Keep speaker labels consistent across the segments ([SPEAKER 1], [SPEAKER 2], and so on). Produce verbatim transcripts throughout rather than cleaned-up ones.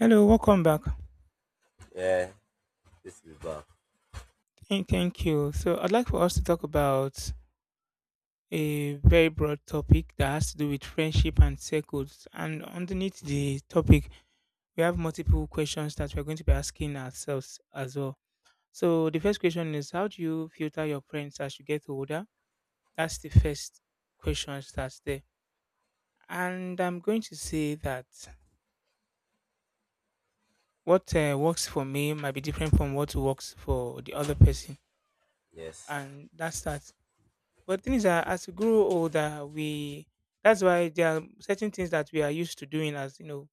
[SPEAKER 1] Hello, welcome back.
[SPEAKER 2] Yeah, this is back.
[SPEAKER 1] Hey, thank you. So, I'd like for us to talk about a very broad topic that has to do with friendship and circles. And underneath the topic, we have multiple questions that we're going to be asking ourselves as well. So, the first question is, how do you filter your friends as you get older? That's the first question that's there. And I'm going to say that what uh, works for me might be different from what works for the other person.
[SPEAKER 2] Yes.
[SPEAKER 1] And that's that. But things are, as we grow older, we, that's why there are certain things that we are used to doing as you know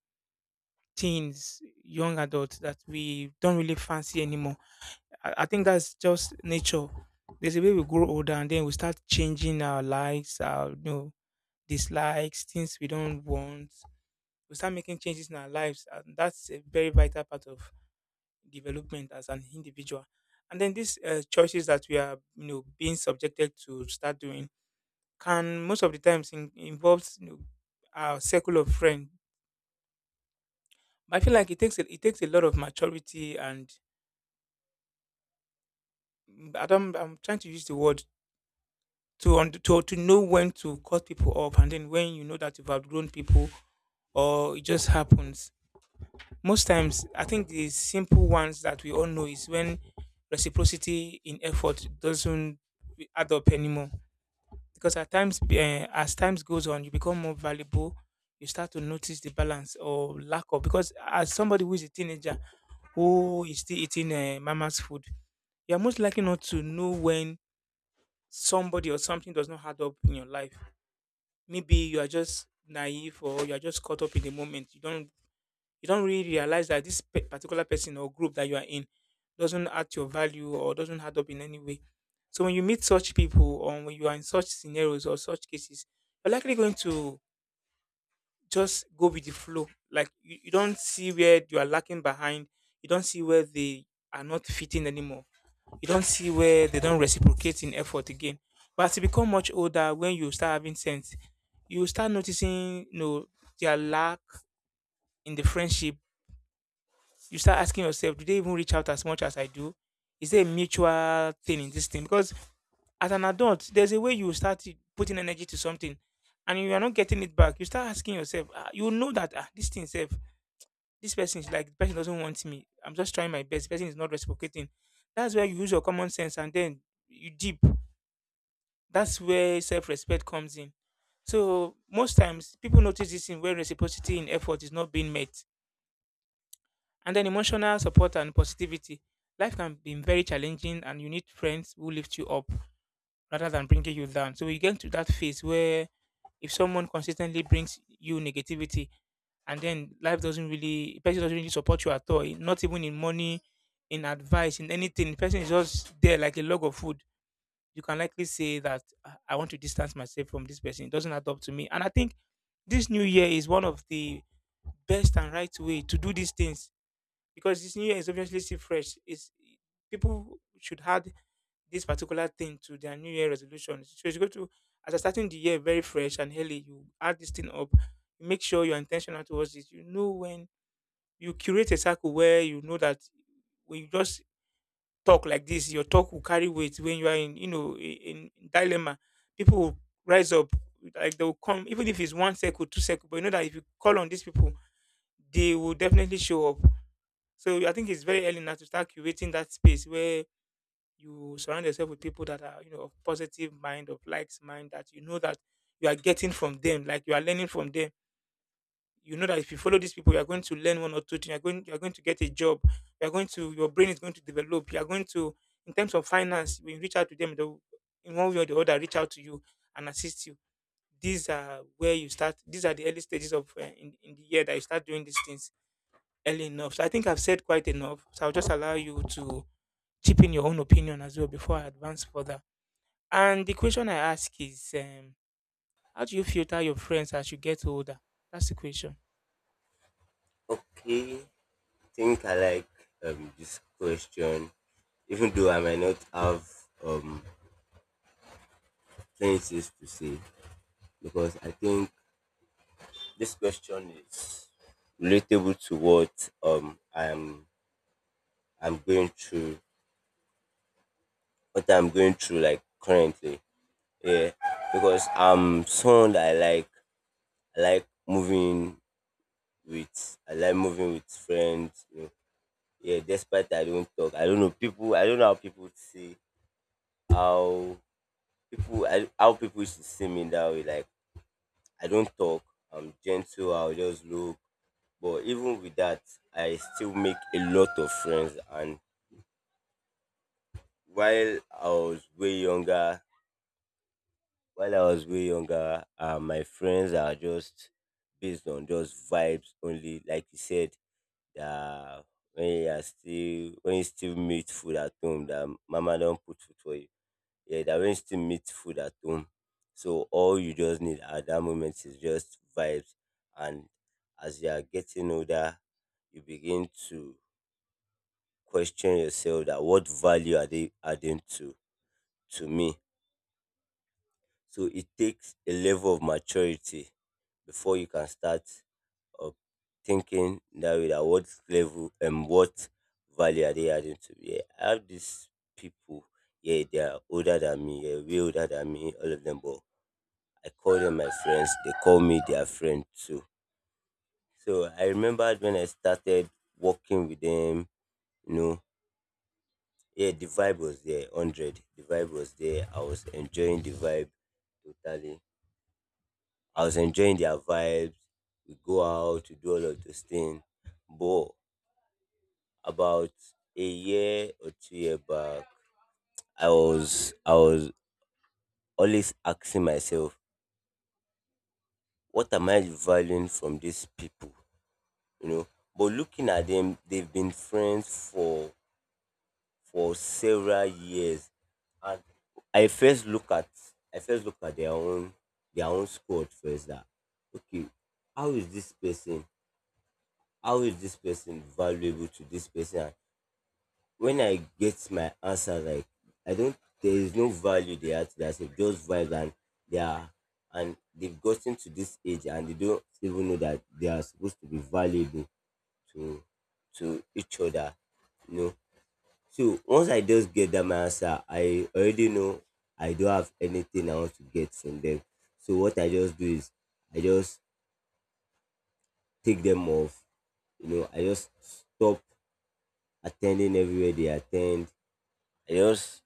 [SPEAKER 1] teens, young adults, that we don't really fancy anymore. I, I think that's just nature. There's a way we grow older and then we start changing our likes, our you know dislikes, things we don't want. We start making changes in our lives, and that's a very vital part of development as an individual. And then these uh, choices that we are you know being subjected to start doing can most of the times in, involves you know, our circle of friends. But I feel like it takes a, it takes a lot of maturity and mm, I don't, I'm trying to use the word to und- to to know when to cut people off and then when you know that you've outgrown people, or it just happens. Most times I think the simple ones that we all know is when reciprocity in effort doesn't eh, add up anymore, because at times eh, as times goes on you become more valuable, you start to notice the balance or lack of, because as somebody who is a teenager, who is still eating uh, mama's food, you're most likely not to know when somebody or something does not add up in your life. Maybe you are just naive or you are just caught up in the moment, you don't, you don't really realize that this pe- particular person or group that you are in doesn't add to your value or doesn't add up in any way. So when you meet such people, or when you are in such scenarios or such cases, you're likely going to just go with the flow. Like you, you don't see where you are lacking behind. You don't see where they are not fitting anymore. You don't see where they don't reciprocate in effort again. But as you become much older, when you start having sense, you start noticing, you know, their lack in the friendship, you start asking yourself, do they even reach out as much as I do? Is there a mutual thing in this thing? Because as an adult, there's a way you start to- putting energy to something and you are not getting it back. You start asking yourself, ah, you know that ah, this thing self, this person is like, the person doesn't want me. I'm just trying my best. The person is not reciprocating. That's where you use your common sense and then you deep. That's where self respect comes in. So most times people notice this in where reciprocity in effort is not being met. And then emotional support and positivity. Life can be very challenging, and you need friends who lift you up rather than bringing you down. So you get to that phase where if someone consistently brings you negativity, and then life doesn't really, the person doesn't really support you at all, in- not even in money, in advice, in anything. The person is just there like a log of food. You can likely say that, "Ah, I want to distance myself from this person. It doesn't add up to me." And I think this new year is one of the best and right way to do these things, because this New Year is obviously still fresh. It's, people should add this particular thing to their New Year resolution. So you go to, as you're starting the year very fresh and early, you add this thing up. You make sure you're intentional towards it. You know when you curate a circle where you know that when you just talk like this, your talk will carry weight. When you are in, you know, in, in dilemma, people will rise up. Like they will come, even if it's one circle, two circle. But you know that if you call on these people, they will definitely show up. So I think it's very early now to start curating that space where you surround yourself with people that are, you know, of positive mind, of likes mind, that you know that you are getting from them, like you are learning from them. You know that if you follow these people, you are going to learn one or two things. You're going, you're going to get a job. You're going to, your brain is going to develop. You are going to, in terms of finance, when you reach out to them, they will, in one way or the other, reach out to you and assist you. These are where you start. These are the early stages of uh, in, in the year that you start doing these things early enough. So I think I've said quite enough. So I'll just allow you to chip in your own opinion as well before I advance further. And the question I ask is, um, how do you filter your friends as you get older? That's the question.
[SPEAKER 2] Okay. I think I like um this question, even though I might not have um plenty things to say, because I think this question is relatable to what um I'm I'm going through, what I'm going through like currently. Yeah, because I'm someone that I like I like moving with I like moving with friends. You know, yeah, despite I don't talk. I don't know people. I don't know how people see how people I, how people should see me that way. Like I don't talk. I'm gentle. I'll just look. But even with that, I still make a lot of friends. And while I was way younger, while I was way younger, uh, my friends are just based on just vibes only. Like you said, that when you are still when you still meet food at home, that mama don't put food for you. Yeah, that when arranged team meet food at home. So all you just need at that moment is just vibes. And as you are getting older, you begin to question yourself that what value are they adding to to me? So it takes a level of maturity before you can start uh, thinking that way, that what level and what value are they adding to me. I have these people, yeah, they are older than me, yeah, way older than me, all of them, but I call them my friends, they call me their friend too. So I remembered when I started working with them, you know, yeah, the vibe was there, one hundred. The vibe was there. I was enjoying the vibe totally. I was enjoying their vibes. We go out, we do all of those things. But about a year or two year back, I was I was always asking myself, what am I valuing from these people? You know. But looking at them, they've been friends for for several years, and I first look at I first look at their own their own squad first. That okay, how is this person? How is this person valuable to this person? And when I get my answer, like I don't, there is no value they add to themselves. Just vibes, and they are and they've gotten to this age and they don't even know that they are supposed to be valuable to to each other, you know. So once I just get that my answer, I already know I don't have anything I want to get from them. So what I just do is I just take them off, you know, I just stop attending everywhere they attend. I just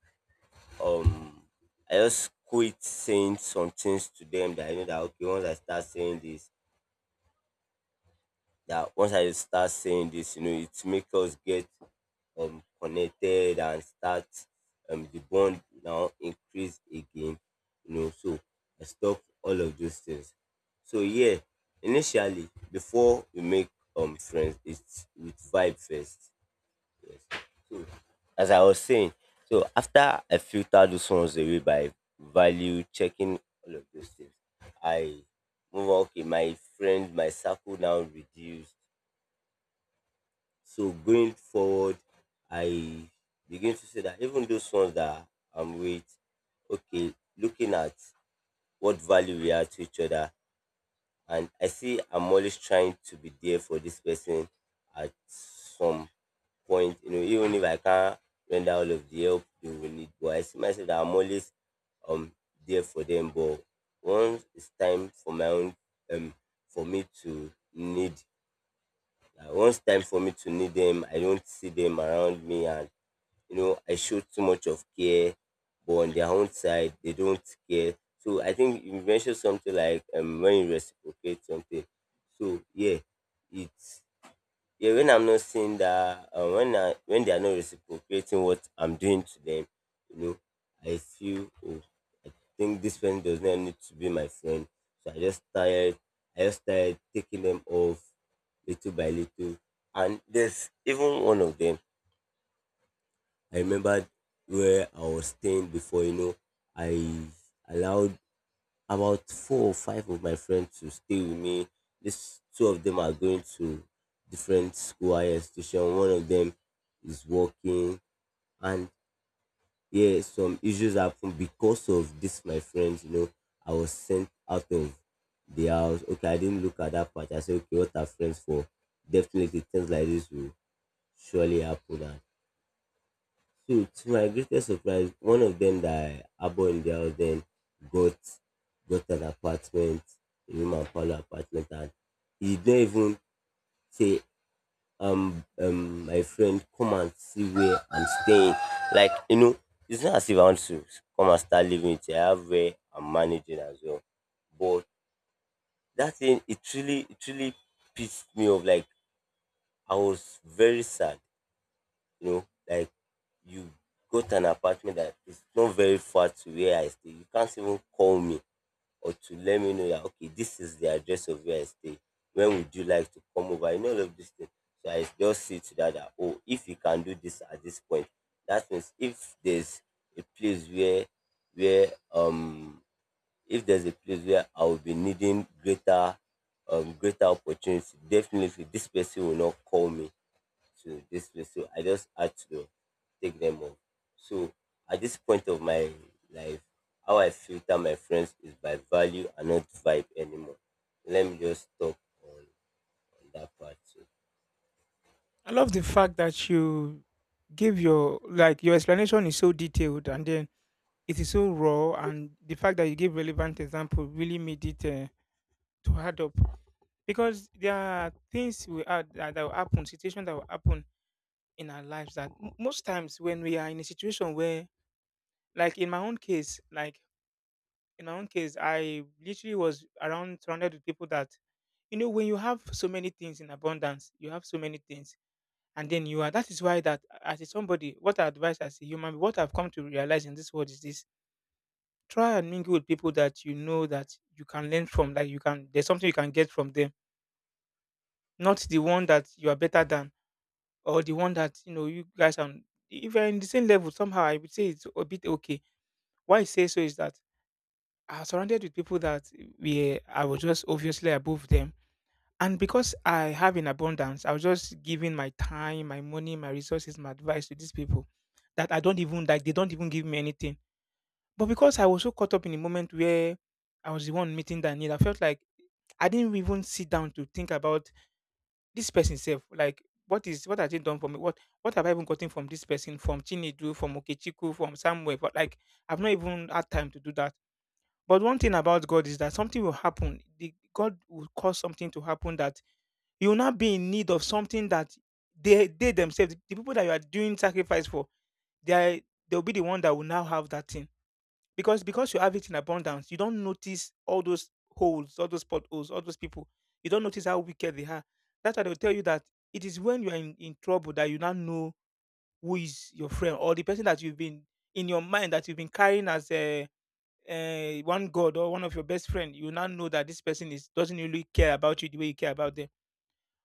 [SPEAKER 2] um I just quit saying some things to them that I know that okay once I start saying this that once I start saying this, you know, it makes us get um, connected, and start, um, the bond now increase again, you know, so I stop all of those things. So yeah, initially before we make um friends, it's with vibe first. Yes. So as I was saying, so after I filter those ones away by value, checking all of those things, I move on. Okay, my friends, my circle now reduced. So going forward, I begin to say that even those ones that I'm with, okay, looking at what value we add to each other, and I see I'm always trying to be there for this person at some point, you know, even if I can't render all of the help they will need, but I see myself that I'm always um there for them. But once it's time for my own um for me to need uh, once time for me to need them, I don't see them around me, and you know, I show too much of care, but on their own side, they don't care. So I think you mentioned something like, um, when you reciprocate something. So yeah, it's yeah, when I'm not seeing that, uh, when I, when they are not reciprocating what I'm doing to them, you know, I feel, oh, I think this friend does not need to be my friend. So I just started, I just started taking them off little by little. And there's even one of them I remember where I was staying before. You know, I allowed about four or five of my friends to stay with me. This two of them are going to different school higher institution. One of them is working, and yeah, some issues happen because of this. My friends, you know, I was sent out of the house. Okay, I didn't look at that part. I said, okay, what are friends for? Definitely things like this will surely happen, and so to my greatest surprise, one of them that I bought in the house then got got an apartment, a room and parlor apartment, and he didn't even say, um um my friend, come and see where I'm staying. Like, you know, it's not as if I want to come and start living it. I have where I'm managing as well. But that thing, it really it really pissed me off. Like I was very sad. You know, like you go to an apartment that is not very far to where I stay. You can't even call me or to let me know that okay, this is the address of where I stay. When would you like to come over? You know all of this thing. So I just see to that that oh, if you can do this at this point, that means if there's a place where where um if there's a place where I will be needing greater um greater opportunity, definitely this person will not call me to this place. So I just had to take them on. So at this point of my life, how I filter my friends is by value and not vibe anymore. Let me just stop on, on that part. Too.
[SPEAKER 1] I love the fact that you give your, like, your explanation is so detailed and then it is so raw, and the fact that you give relevant example really made it uh, to add up. Because there are things we are that, that will happen, situations that will happen in our lives that m- most times when we are in a situation where, like in my own case, like in my own case, I literally was around, surrounded with people that, you know, when you have so many things in abundance, you have so many things, and then you are, that is why that as a somebody, what I advise as a human, what I've come to realize in this world is this: try and mingle with people that you know that you can learn from, like you can, there's something you can get from them. Not the one that you are better than, or the one that you know you guys are, if you're in the same level somehow, I would say it's a bit okay. Why I say so is that I was surrounded with people that we, I was just obviously above them. And because I have in abundance, I was just giving my time, my money, my resources, my advice to these people that I don't even, like they don't even give me anything. But because I was so caught up in the moment where I was the one meeting that need, I felt like I didn't even sit down to think about this person self. Like what is, what has it done for me? What what have I even gotten from this person, from Chinedu, from Okechiku, from somewhere? But like, I've not even had time to do that. But one thing about God is that something will happen. The, God will cause something to happen, that you will not be in need of something that they they themselves, the people that you are doing sacrifice for, they are, they'll be the one that will now have that thing. Because because you have it in abundance, you don't notice all those holes, all those potholes, all those people. You don't notice how wicked they are. That's why they'll tell you that it is when you are in, in trouble that you now know who is your friend, or the person that you've been in your mind that you've been carrying as a uh, one god or one of your best friend, you now know that this person is, doesn't really care about you the way you care about them.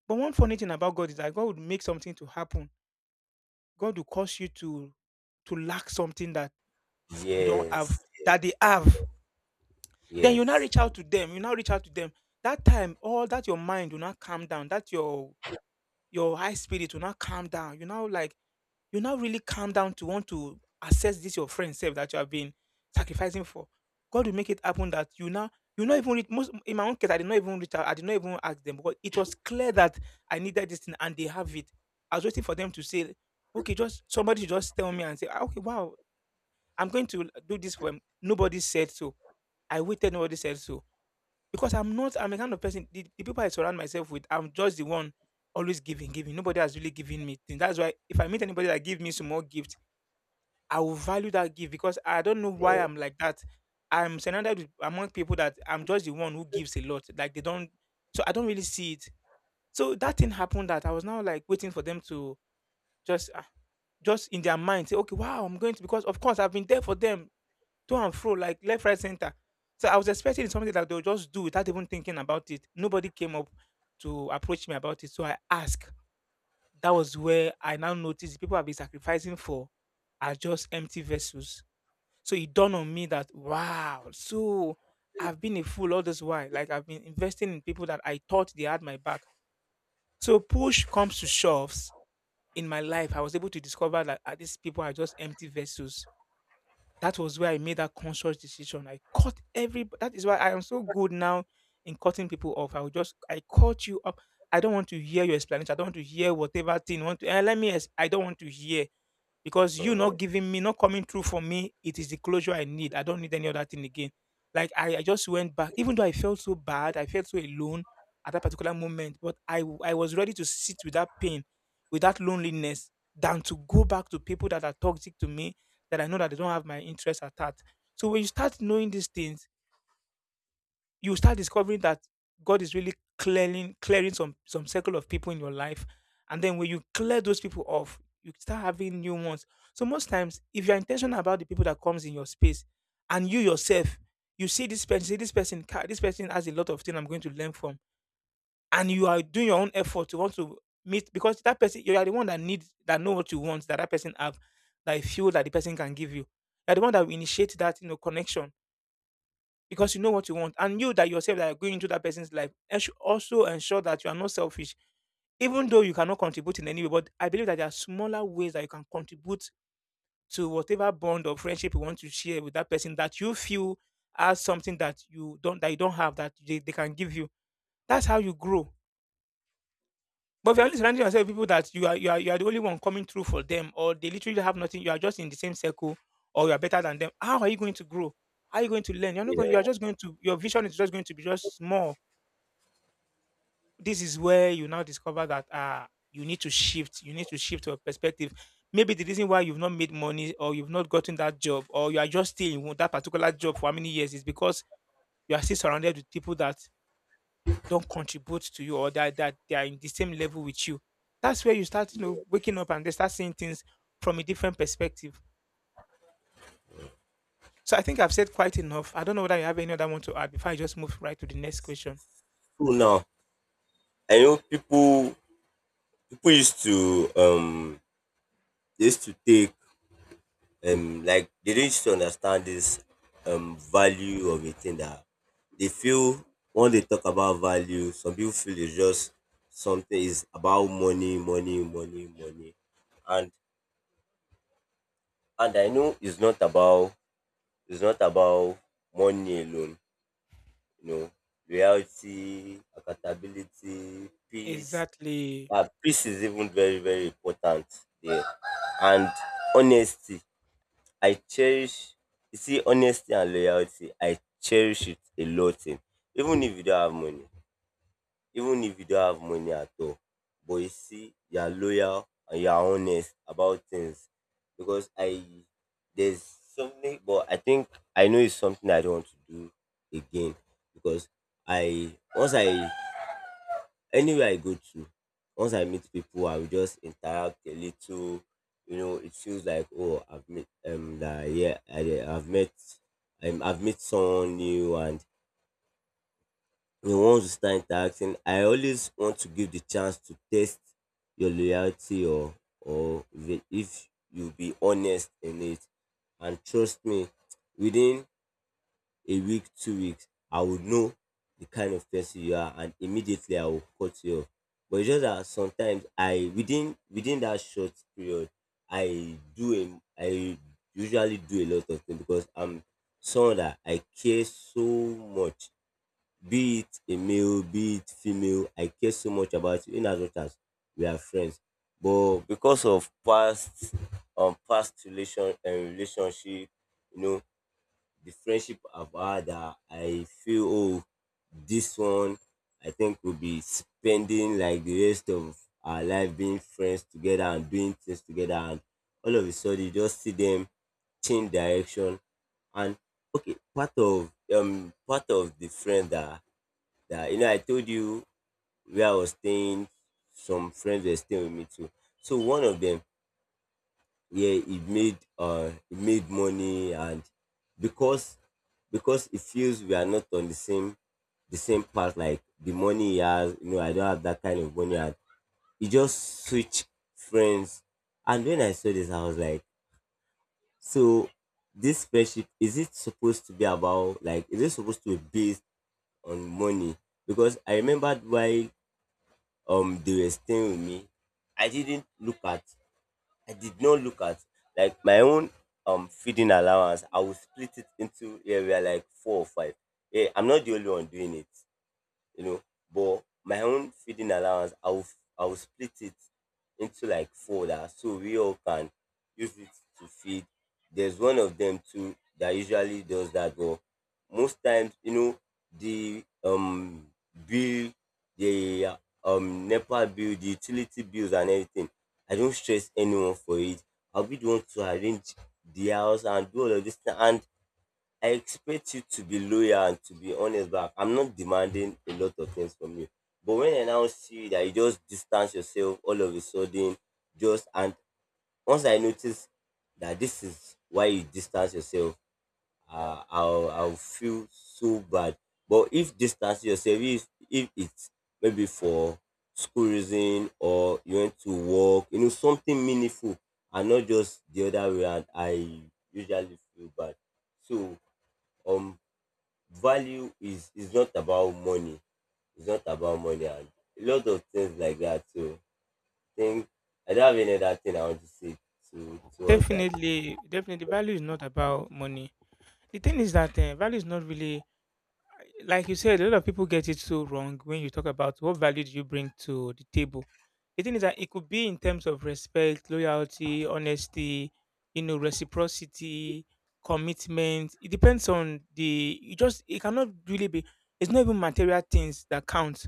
[SPEAKER 1] But one funny thing about God is that God would make something to happen. God will cause you to to lack something that you don't have
[SPEAKER 2] Yes,
[SPEAKER 1] that they have. Then you now
[SPEAKER 2] yes,
[SPEAKER 1] reach out to them. You now reach out to them. That time, all that your mind will not calm down. That your your high spirit will not calm down. You now like, you now really calm down to want to assess this your friend self that you have been sacrificing for. God will make it happen that you now, you not even reach, most in my own case, I did not even reach out, I did not even ask them, because it was clear that I needed this thing and they have it. I was waiting for them to say, okay, just somebody should just tell me and say, "Ah, okay, wow, I'm going to do this for him." Nobody said so. I waited, nobody said so. Because I'm not, I'm a kind of person, the, the people I surround myself with, I'm just the one always giving, giving. Nobody has really given me things. That's why if I meet anybody that give me small gift, I will value that gift because I don't know why I'm like that. I'm surrounded with, among people that I'm just the one who gives a lot. Like they don't, so I don't really see it. So that thing happened that I was now like waiting for them to just, ah, just in their mind say, okay, wow, I'm going to because of course I've been there for them to and fro, like left, right, center. So I was expecting something that they'll just do without even thinking about it. Nobody came up to approach me about it, so I asked. That was where I now noticed the people I've been sacrificing for are just empty vessels, so it dawned on me that wow, so I've been a fool all this while. Like I've been investing in people that I thought they had my back. So push comes to shoves in my life. I was able to discover that ah, these people are just empty vessels. That was where I made that conscious decision. I cut every. That is why I am so good now in cutting people off. I will just I cut you up. I don't want to hear your explanation. I don't want to hear whatever thing. You want to eh, let me? ex- I don't want to hear because you not
[SPEAKER 2] yes.
[SPEAKER 1] giving me, not coming through for me, it is the closure I need. I don't need any other thing again. Like I, I just went back, even though I felt so bad, I felt so alone at that particular moment, but I w- I was ready to sit with that pain, with that loneliness, than to go back to people that are toxic to me, that I know that they don't have my interest at heart. So when you start knowing these things, you start discovering that God is really clearing clearing some some circle of people in your life, and then when you clear those people off, you start having new ones. So most times, if you're intentional about the people that comes in your space, and you yourself, you see this person, see this person, "Kai, this person has a lot of things I'm going to learn from," and you are doing your own effort to want to meet because that person you are the one that needs that know what you want that that person have that you feel that the person can give you. You're the one that will initiate that you know connection because you know what you want. And you that yourself that are going into that person's life, and should also ensure that you are not selfish, even though you cannot contribute in any way. But I believe that there are smaller ways that you can contribute to whatever bond or friendship you want to share with that person that you feel as something that you don't that you don't have that they, they can give you. That's how you grow. But if you're only surrounding yourself with people that you are you are you are the only one coming through for them, or they literally have nothing, you are just in the same circle, or you are better than them. How are you going to grow? How are you going to learn? You're not going. You are
[SPEAKER 2] Yeah.
[SPEAKER 1] just going to. Your vision is just going to be just small. This is where you now discover that uh you need to shift. You need to shift your perspective. Maybe the reason why you've not made money, or you've not gotten that job, or you are just still in one- that particular job for how many years is because you are still surrounded with people that don't contribute to you or that that they are in the same level with you. That's where you start, you know, waking up and they start seeing things from a different perspective. So I think I've said quite enough. I don't know whether you have any other one to add before I just move right to the next question.
[SPEAKER 2] So now I know people people used to um they used to take um like they don't used to understand this um value of a thing that they feel when they talk about value, some people feel it's just something is about money, money, money, money. And and I know it's not about, it's not about money alone, you know. Reality, accountability, peace.
[SPEAKER 1] Exactly.
[SPEAKER 2] Uh, peace is even very, very important there. And honesty. I cherish, you see honesty and loyalty, I cherish it a lot in, even if you don't have money, even if you don't have money at all, but you see you are loyal and you are honest about things, because I there's something but I think I know it's something I don't want to do again because I once I anywhere I go to, once I meet people, I will just interact a little. You know, it feels like oh, I've met um that yeah, I, I've met um, I've met someone new, and you know, once you start interacting, I always want to give the chance to test your loyalty, or or if it- if you be honest in it, and trust me, within a week, two weeks, I would know the kind of person you are, and immediately I will cut you off. But it's just that sometimes I within within that short period, I do a I usually do a lot of things because I'm someone that I care so much. Be it a male, be it female, I care so much about you in as much as we are friends. But because of past um past relation and relationship, you know, the friendship I've had, that I feel oh, this one I think will be spending like the rest of our life being friends together and doing things together, and all of a sudden you just see them change direction. And okay, part of, um part of the friend that, that you know I told you, where I was staying some friends were staying with me too, so one of them, yeah, it made uh it made money, and because because it feels we are not on the same, the same path, like the money he has, you know, I don't have that kind of money, and he just switch friends. And when I saw this, I was like, so this friendship is, it supposed to be about, like is it supposed to be based on money? Because I remembered while um they were staying with me, i didn't look at I did not look at like my own um feeding allowance. I will split it into area like four or five. Yeah, I'm not the only one doing it, you know. But my own feeding allowance, I will I will split it into like four, that so we all can use it to feed. There's one of them too that usually does that, but most times, you know, the um bill, the um NEPA bill, the utility bills and everything. I don't stress anyone for it. I'll be the one to arrange the house and do all of this thing. And I expect you to be loyal and to be honest back. I'm not demanding a lot of things from you. But when I now see that you just distance yourself all of a sudden, just and once I notice that this is why you distance yourself, uh, I'll I'll feel so bad. But if distance yourself, if if it's maybe for school reason or you want to work, you know something meaningful, and not just the other way, and I usually feel bad. So um value is is not about money. It's not about money and a lot of things like that. So I think I don't have any other thing I want to say to towards that.
[SPEAKER 1] Definitely, definitely, value is not about money. The thing is that uh, value is not really like you said, a lot of people get it so wrong when you talk about what value do you bring to the table. The thing is that it could be in terms of respect, loyalty, honesty, you know, reciprocity, commitment. It depends on the. You just it cannot really be. It's not even material things that count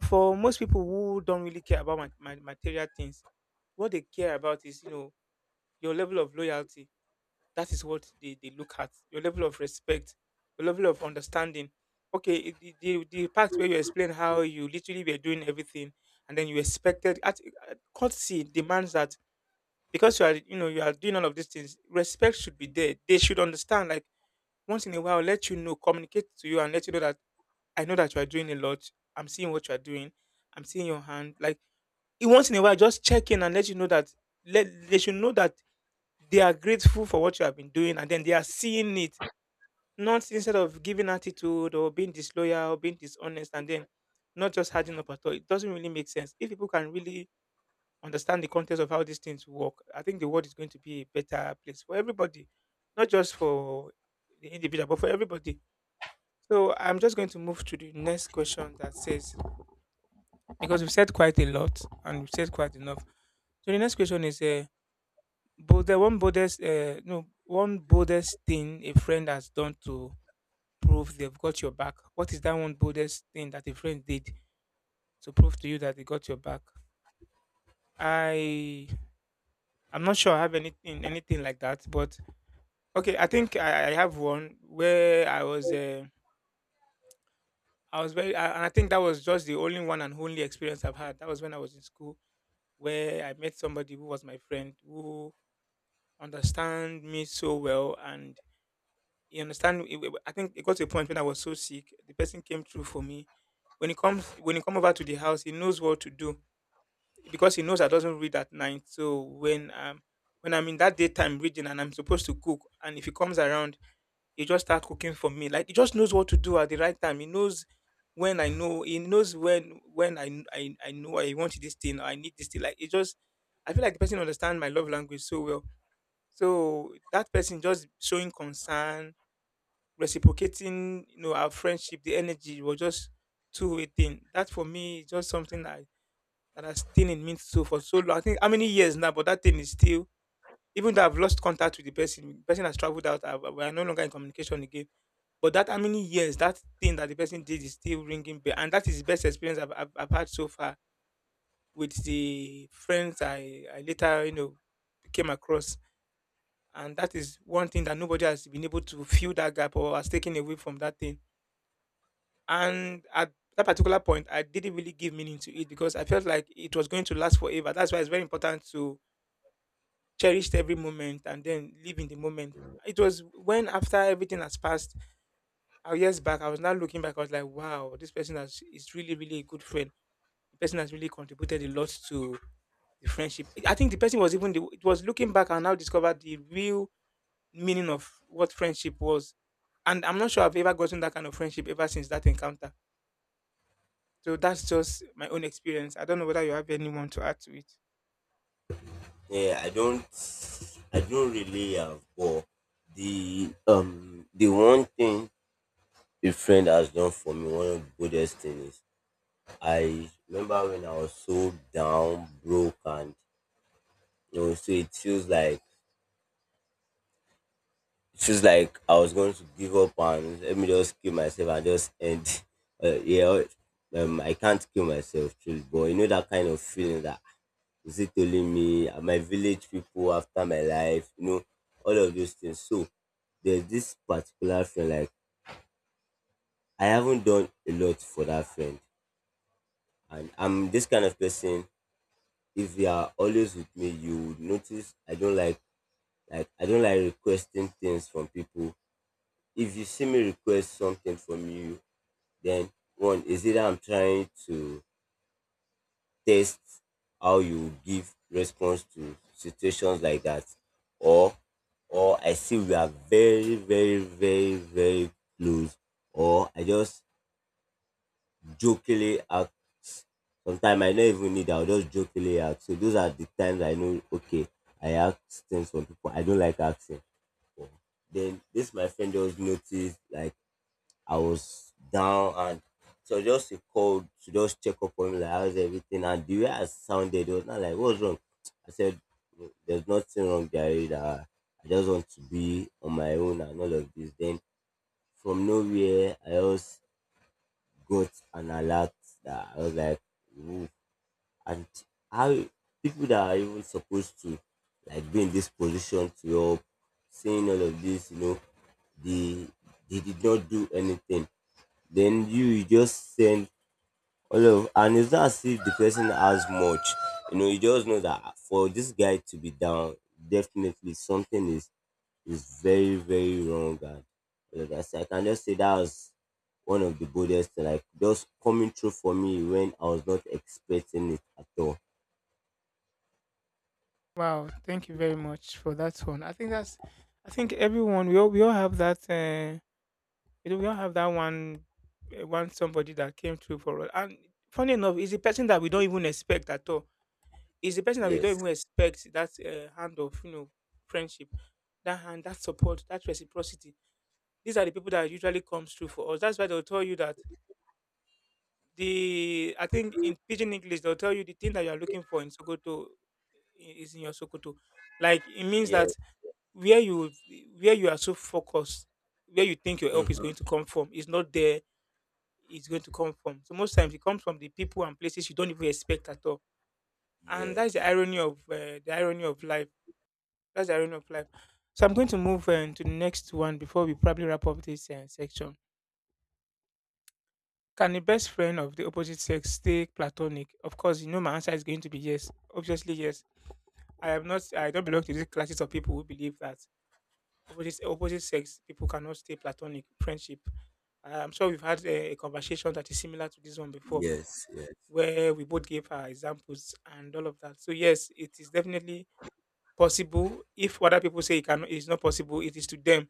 [SPEAKER 1] for most people who don't really care about ma- ma- material things. What they care about is, you know, your level of loyalty, that is what they, they look at, your level of respect, your level of understanding. Okay, it- the, the, the part where you explain how you literally were doing everything and then you expected at at- courtesy demands that because you are, you know, you are doing all of these things, respect should be there. They should understand, like, once in a while let you know, communicate to you and let you know that I know that you are doing a lot, I'm seeing what you are doing, I'm seeing your hand. Like, e- once in a while just check in and let you know that, let they should know that they are grateful for what you have been doing and then they are seeing it, not instead of giving attitude or being disloyal, or being dishonest, and then not just hardening up at all. It doesn't really make sense. If people can really understand the context of how these things work, I think the world is going to be a better place for everybody, not just for the individual, but for everybody. So I'm just going to move to the next question that says, because we've said quite a lot and we've said quite enough. So the next question is, uh, but the one boldest, uh, no, one boldest thing a friend has done to prove they've got your back? What is that one boldest thing that a friend did to prove to you that they got your back? I I'm not sure I have anything anything like that, but okay, I think I, I have one where I was uh, I was very I- and I think that was just the only one and only experience I've had. That was when I was in school where I met somebody who was my friend who understand me so well and he understand it- it- I think it got to a point when I was so sick, the person came through for me when he comes when he come over to the house, he knows what to do because he knows I doesn't read at night. So when um when I'm in that daytime reading and I'm supposed to cook, and if he comes around, he just start cooking for me. Like he just knows what to do at the right time. He knows when I know. He knows when when I I, I know I want this thing. Or I need this thing. Like it just, I feel like the person understands my love language so well. So that person just showing concern, reciprocating, you know, our friendship, the energy was just two way thing. That for me is just something I that has stayed in me so for so long. I think how many years now, but that thing is still. Even though I've lost contact with the person, the person has traveled out. I We are no longer in communication again. But that how many years that thing that the person did is still ringing bell, and that is the best experience I've, I've, I've had so far with the friends I, I later, you know, came across, and that is one thing that nobody has been able to fill that gap or has taken away from that thing. And at that particular point, I didn't really give meaning to it because I felt like it was going to last forever. That's why it's very important to cherished every moment and then live in the moment. It was when after everything has passed, uh, years back, I was now looking back. I was like, wow, this person has, is really, really a good friend. The person has really contributed a lot to the friendship. I think the person was even the, it was looking back and now discovered the real meaning of what friendship was. And I'm not sure I've ever gotten that kind of friendship ever since that encounter. So that's just my own experience. I don't know whether you have anyone to add to it.
[SPEAKER 2] Yeah, I don't I don't really have but the um the one thing a friend has done for me, one of the goodest things is I remember when I was so down, broke and you know, so it feels like it feels like I was going to give up and let me just kill myself and just end. Uh, yeah, um, I can't kill myself, truly. But you know that kind of feeling that is it only me? Are my village people after my life? You know, all of those things. So there's this particular friend like I haven't done a lot for that friend, and I'm this kind of person. If you are always with me, you would notice I don't like like I don't like requesting things from people. If you see me request something from you, then one is either I'm trying to test how you give response to situations like that, or or I see we are very very very very close, or I just jokingly act. Sometimes I don't even need. I'll just jokingly act. So those are the times I know. Okay, I ask things from people I don't like asking for. Then this my friend just noticed like I was down and so just a call to just check up on me like how's everything and the way I sounded it was not like what's wrong. I said there's nothing wrong Gary that I just want to be on my own and all of this. Then from nowhere I just got an alert that I was like ooh. And how people that are even supposed to like be in this position to help saying all of this, you know, they they did not do anything then you, you just send all of and it's not as if the person has much. You know you just know that for this guy to be down definitely something is is very very wrong and all of that. So I can just say that was one of the boldest, like just coming through for me when I was not expecting it at all.
[SPEAKER 1] Wow, thank you very much for that one. I think that's, I think everyone we all we all have that uh, you know, we all have that one uh, one somebody that came through for us. And funny enough, it's a person that we don't even expect at all. It's a person that we don't
[SPEAKER 2] Yes,
[SPEAKER 1] even expect that uh, hand of you know friendship, that hand, that support, that reciprocity. These are the people that usually comes through for us. That's why they'll tell you that the I think in pidgin English they'll tell you the thing that you are looking for in Sokoto i- is in your Sokoto. Like it means
[SPEAKER 2] yes.
[SPEAKER 1] that where you where you are so focused, where you think your help is going
[SPEAKER 2] Mhm.
[SPEAKER 1] to come from, is not there. It's going to come from. So most times it comes from the people and places you don't even expect at all. And that's the
[SPEAKER 2] Yes,
[SPEAKER 1] irony of uh, the irony of life. That's the irony of life. So I'm going to move uh, to the next one before we probably wrap up this uh, section. Can a best friend of the opposite sex stay platonic? Of course, you know my answer is going to be yes. Obviously, yes. I am not. I don't belong to these classes of people who believe that opposite opposite sex people cannot stay platonic friendship. I- I'm sure we've had a, a conversation that is similar to this one before,
[SPEAKER 2] yes, yes,
[SPEAKER 1] where we both gave our examples and all of that. So yes, it is definitely possible. If other people say it cannot, it is not possible. It is to them.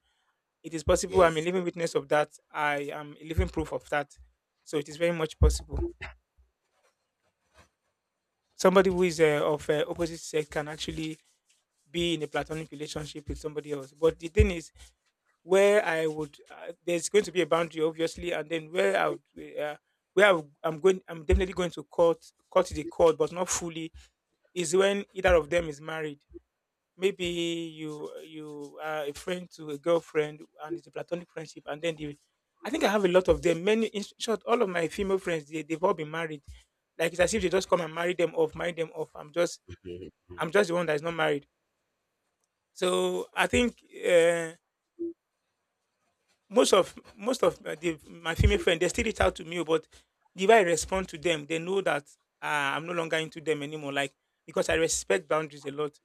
[SPEAKER 1] It is possible. I'm a
[SPEAKER 2] yes.
[SPEAKER 1] living witness of that. I am a living proof of that. So it is very much possible. Somebody who is uh, of uh, opposite sex can actually be in a platonic relationship with somebody else. But the thing is, where I would uh, there's going to be a boundary, obviously, and then where I would, uh, where I would- I'm going, I'm definitely going to cut cut the cord, but not fully, is when either of them is married. Maybe you you are a friend to a girlfriend, and it's a platonic friendship, and then the I think I have a lot of them. Many, in short, all of my female friends, they, they've all been married. Like it's as if they just come and marry them off, marry them off. I'm just I'm just the one that is not married. So I think uh, most of most of uh, the, my female friends they still reach out to me, but the way I respond to them, they know that uh, I'm no longer into them anymore. Like because I respect boundaries a lot.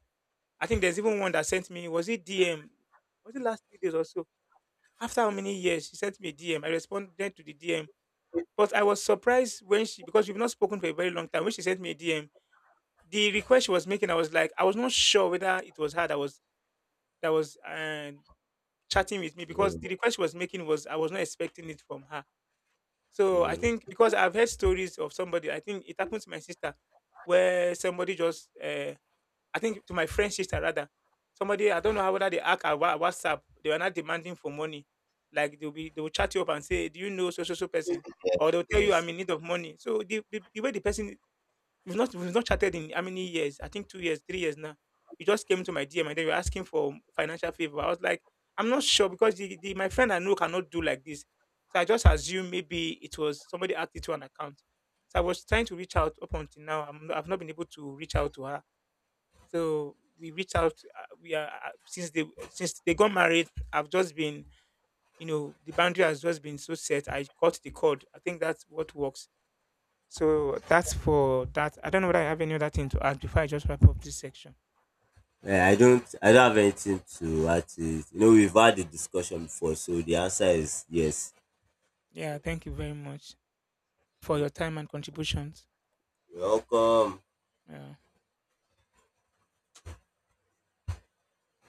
[SPEAKER 1] I think there's even one that sent me, was it D M, was it last three days or so? After how many years she sent me a D M, I responded to the D M. But I was surprised when she, because we've not spoken for a very long time. When she sent me a D M, the request she was making, I was like, I was not sure whether it was her that was that was uh, chatting with me because
[SPEAKER 2] Mhm.
[SPEAKER 1] the request she was making was I was not expecting it from her. So I think
[SPEAKER 2] Mhm.
[SPEAKER 1] because I've heard stories of somebody, I think it happened to my sister, where somebody just, uh, I think to my friend's sister rather, somebody I don't know how whether they act at Wha- WhatsApp, they were not demanding for money. Like they'll be, they will chat you up and say, "Do you know so so so person?"
[SPEAKER 2] Yes,
[SPEAKER 1] Or they'll tell you, "I'm
[SPEAKER 2] yes.
[SPEAKER 1] in need of money." So the, the, the way the person, We've not we've not chatted in how many years? I think two years, three years now. You just came to my D M and then you're asking for financial favor. I was like, I'm not sure because the, the, my friend I know cannot do like this. So I just assumed maybe it was somebody added it to an account. So I was trying to reach out up until now. I'm not, I've not been able to reach out to her. So we reached out. uh, We are uh, since they since they got married. I've just been, you know, the boundary has just been so set. I cut the cord. I think that's what works so that's for that. I don't know whether I have any other thing to add before I just wrap up this section.
[SPEAKER 2] Yeah, I don't I don't have anything to add to it. You know, we've had the discussion before, so the answer is yes. So
[SPEAKER 1] Yeah, thank you very much for your time and contributions.
[SPEAKER 2] you're welcome.
[SPEAKER 1] Yeah.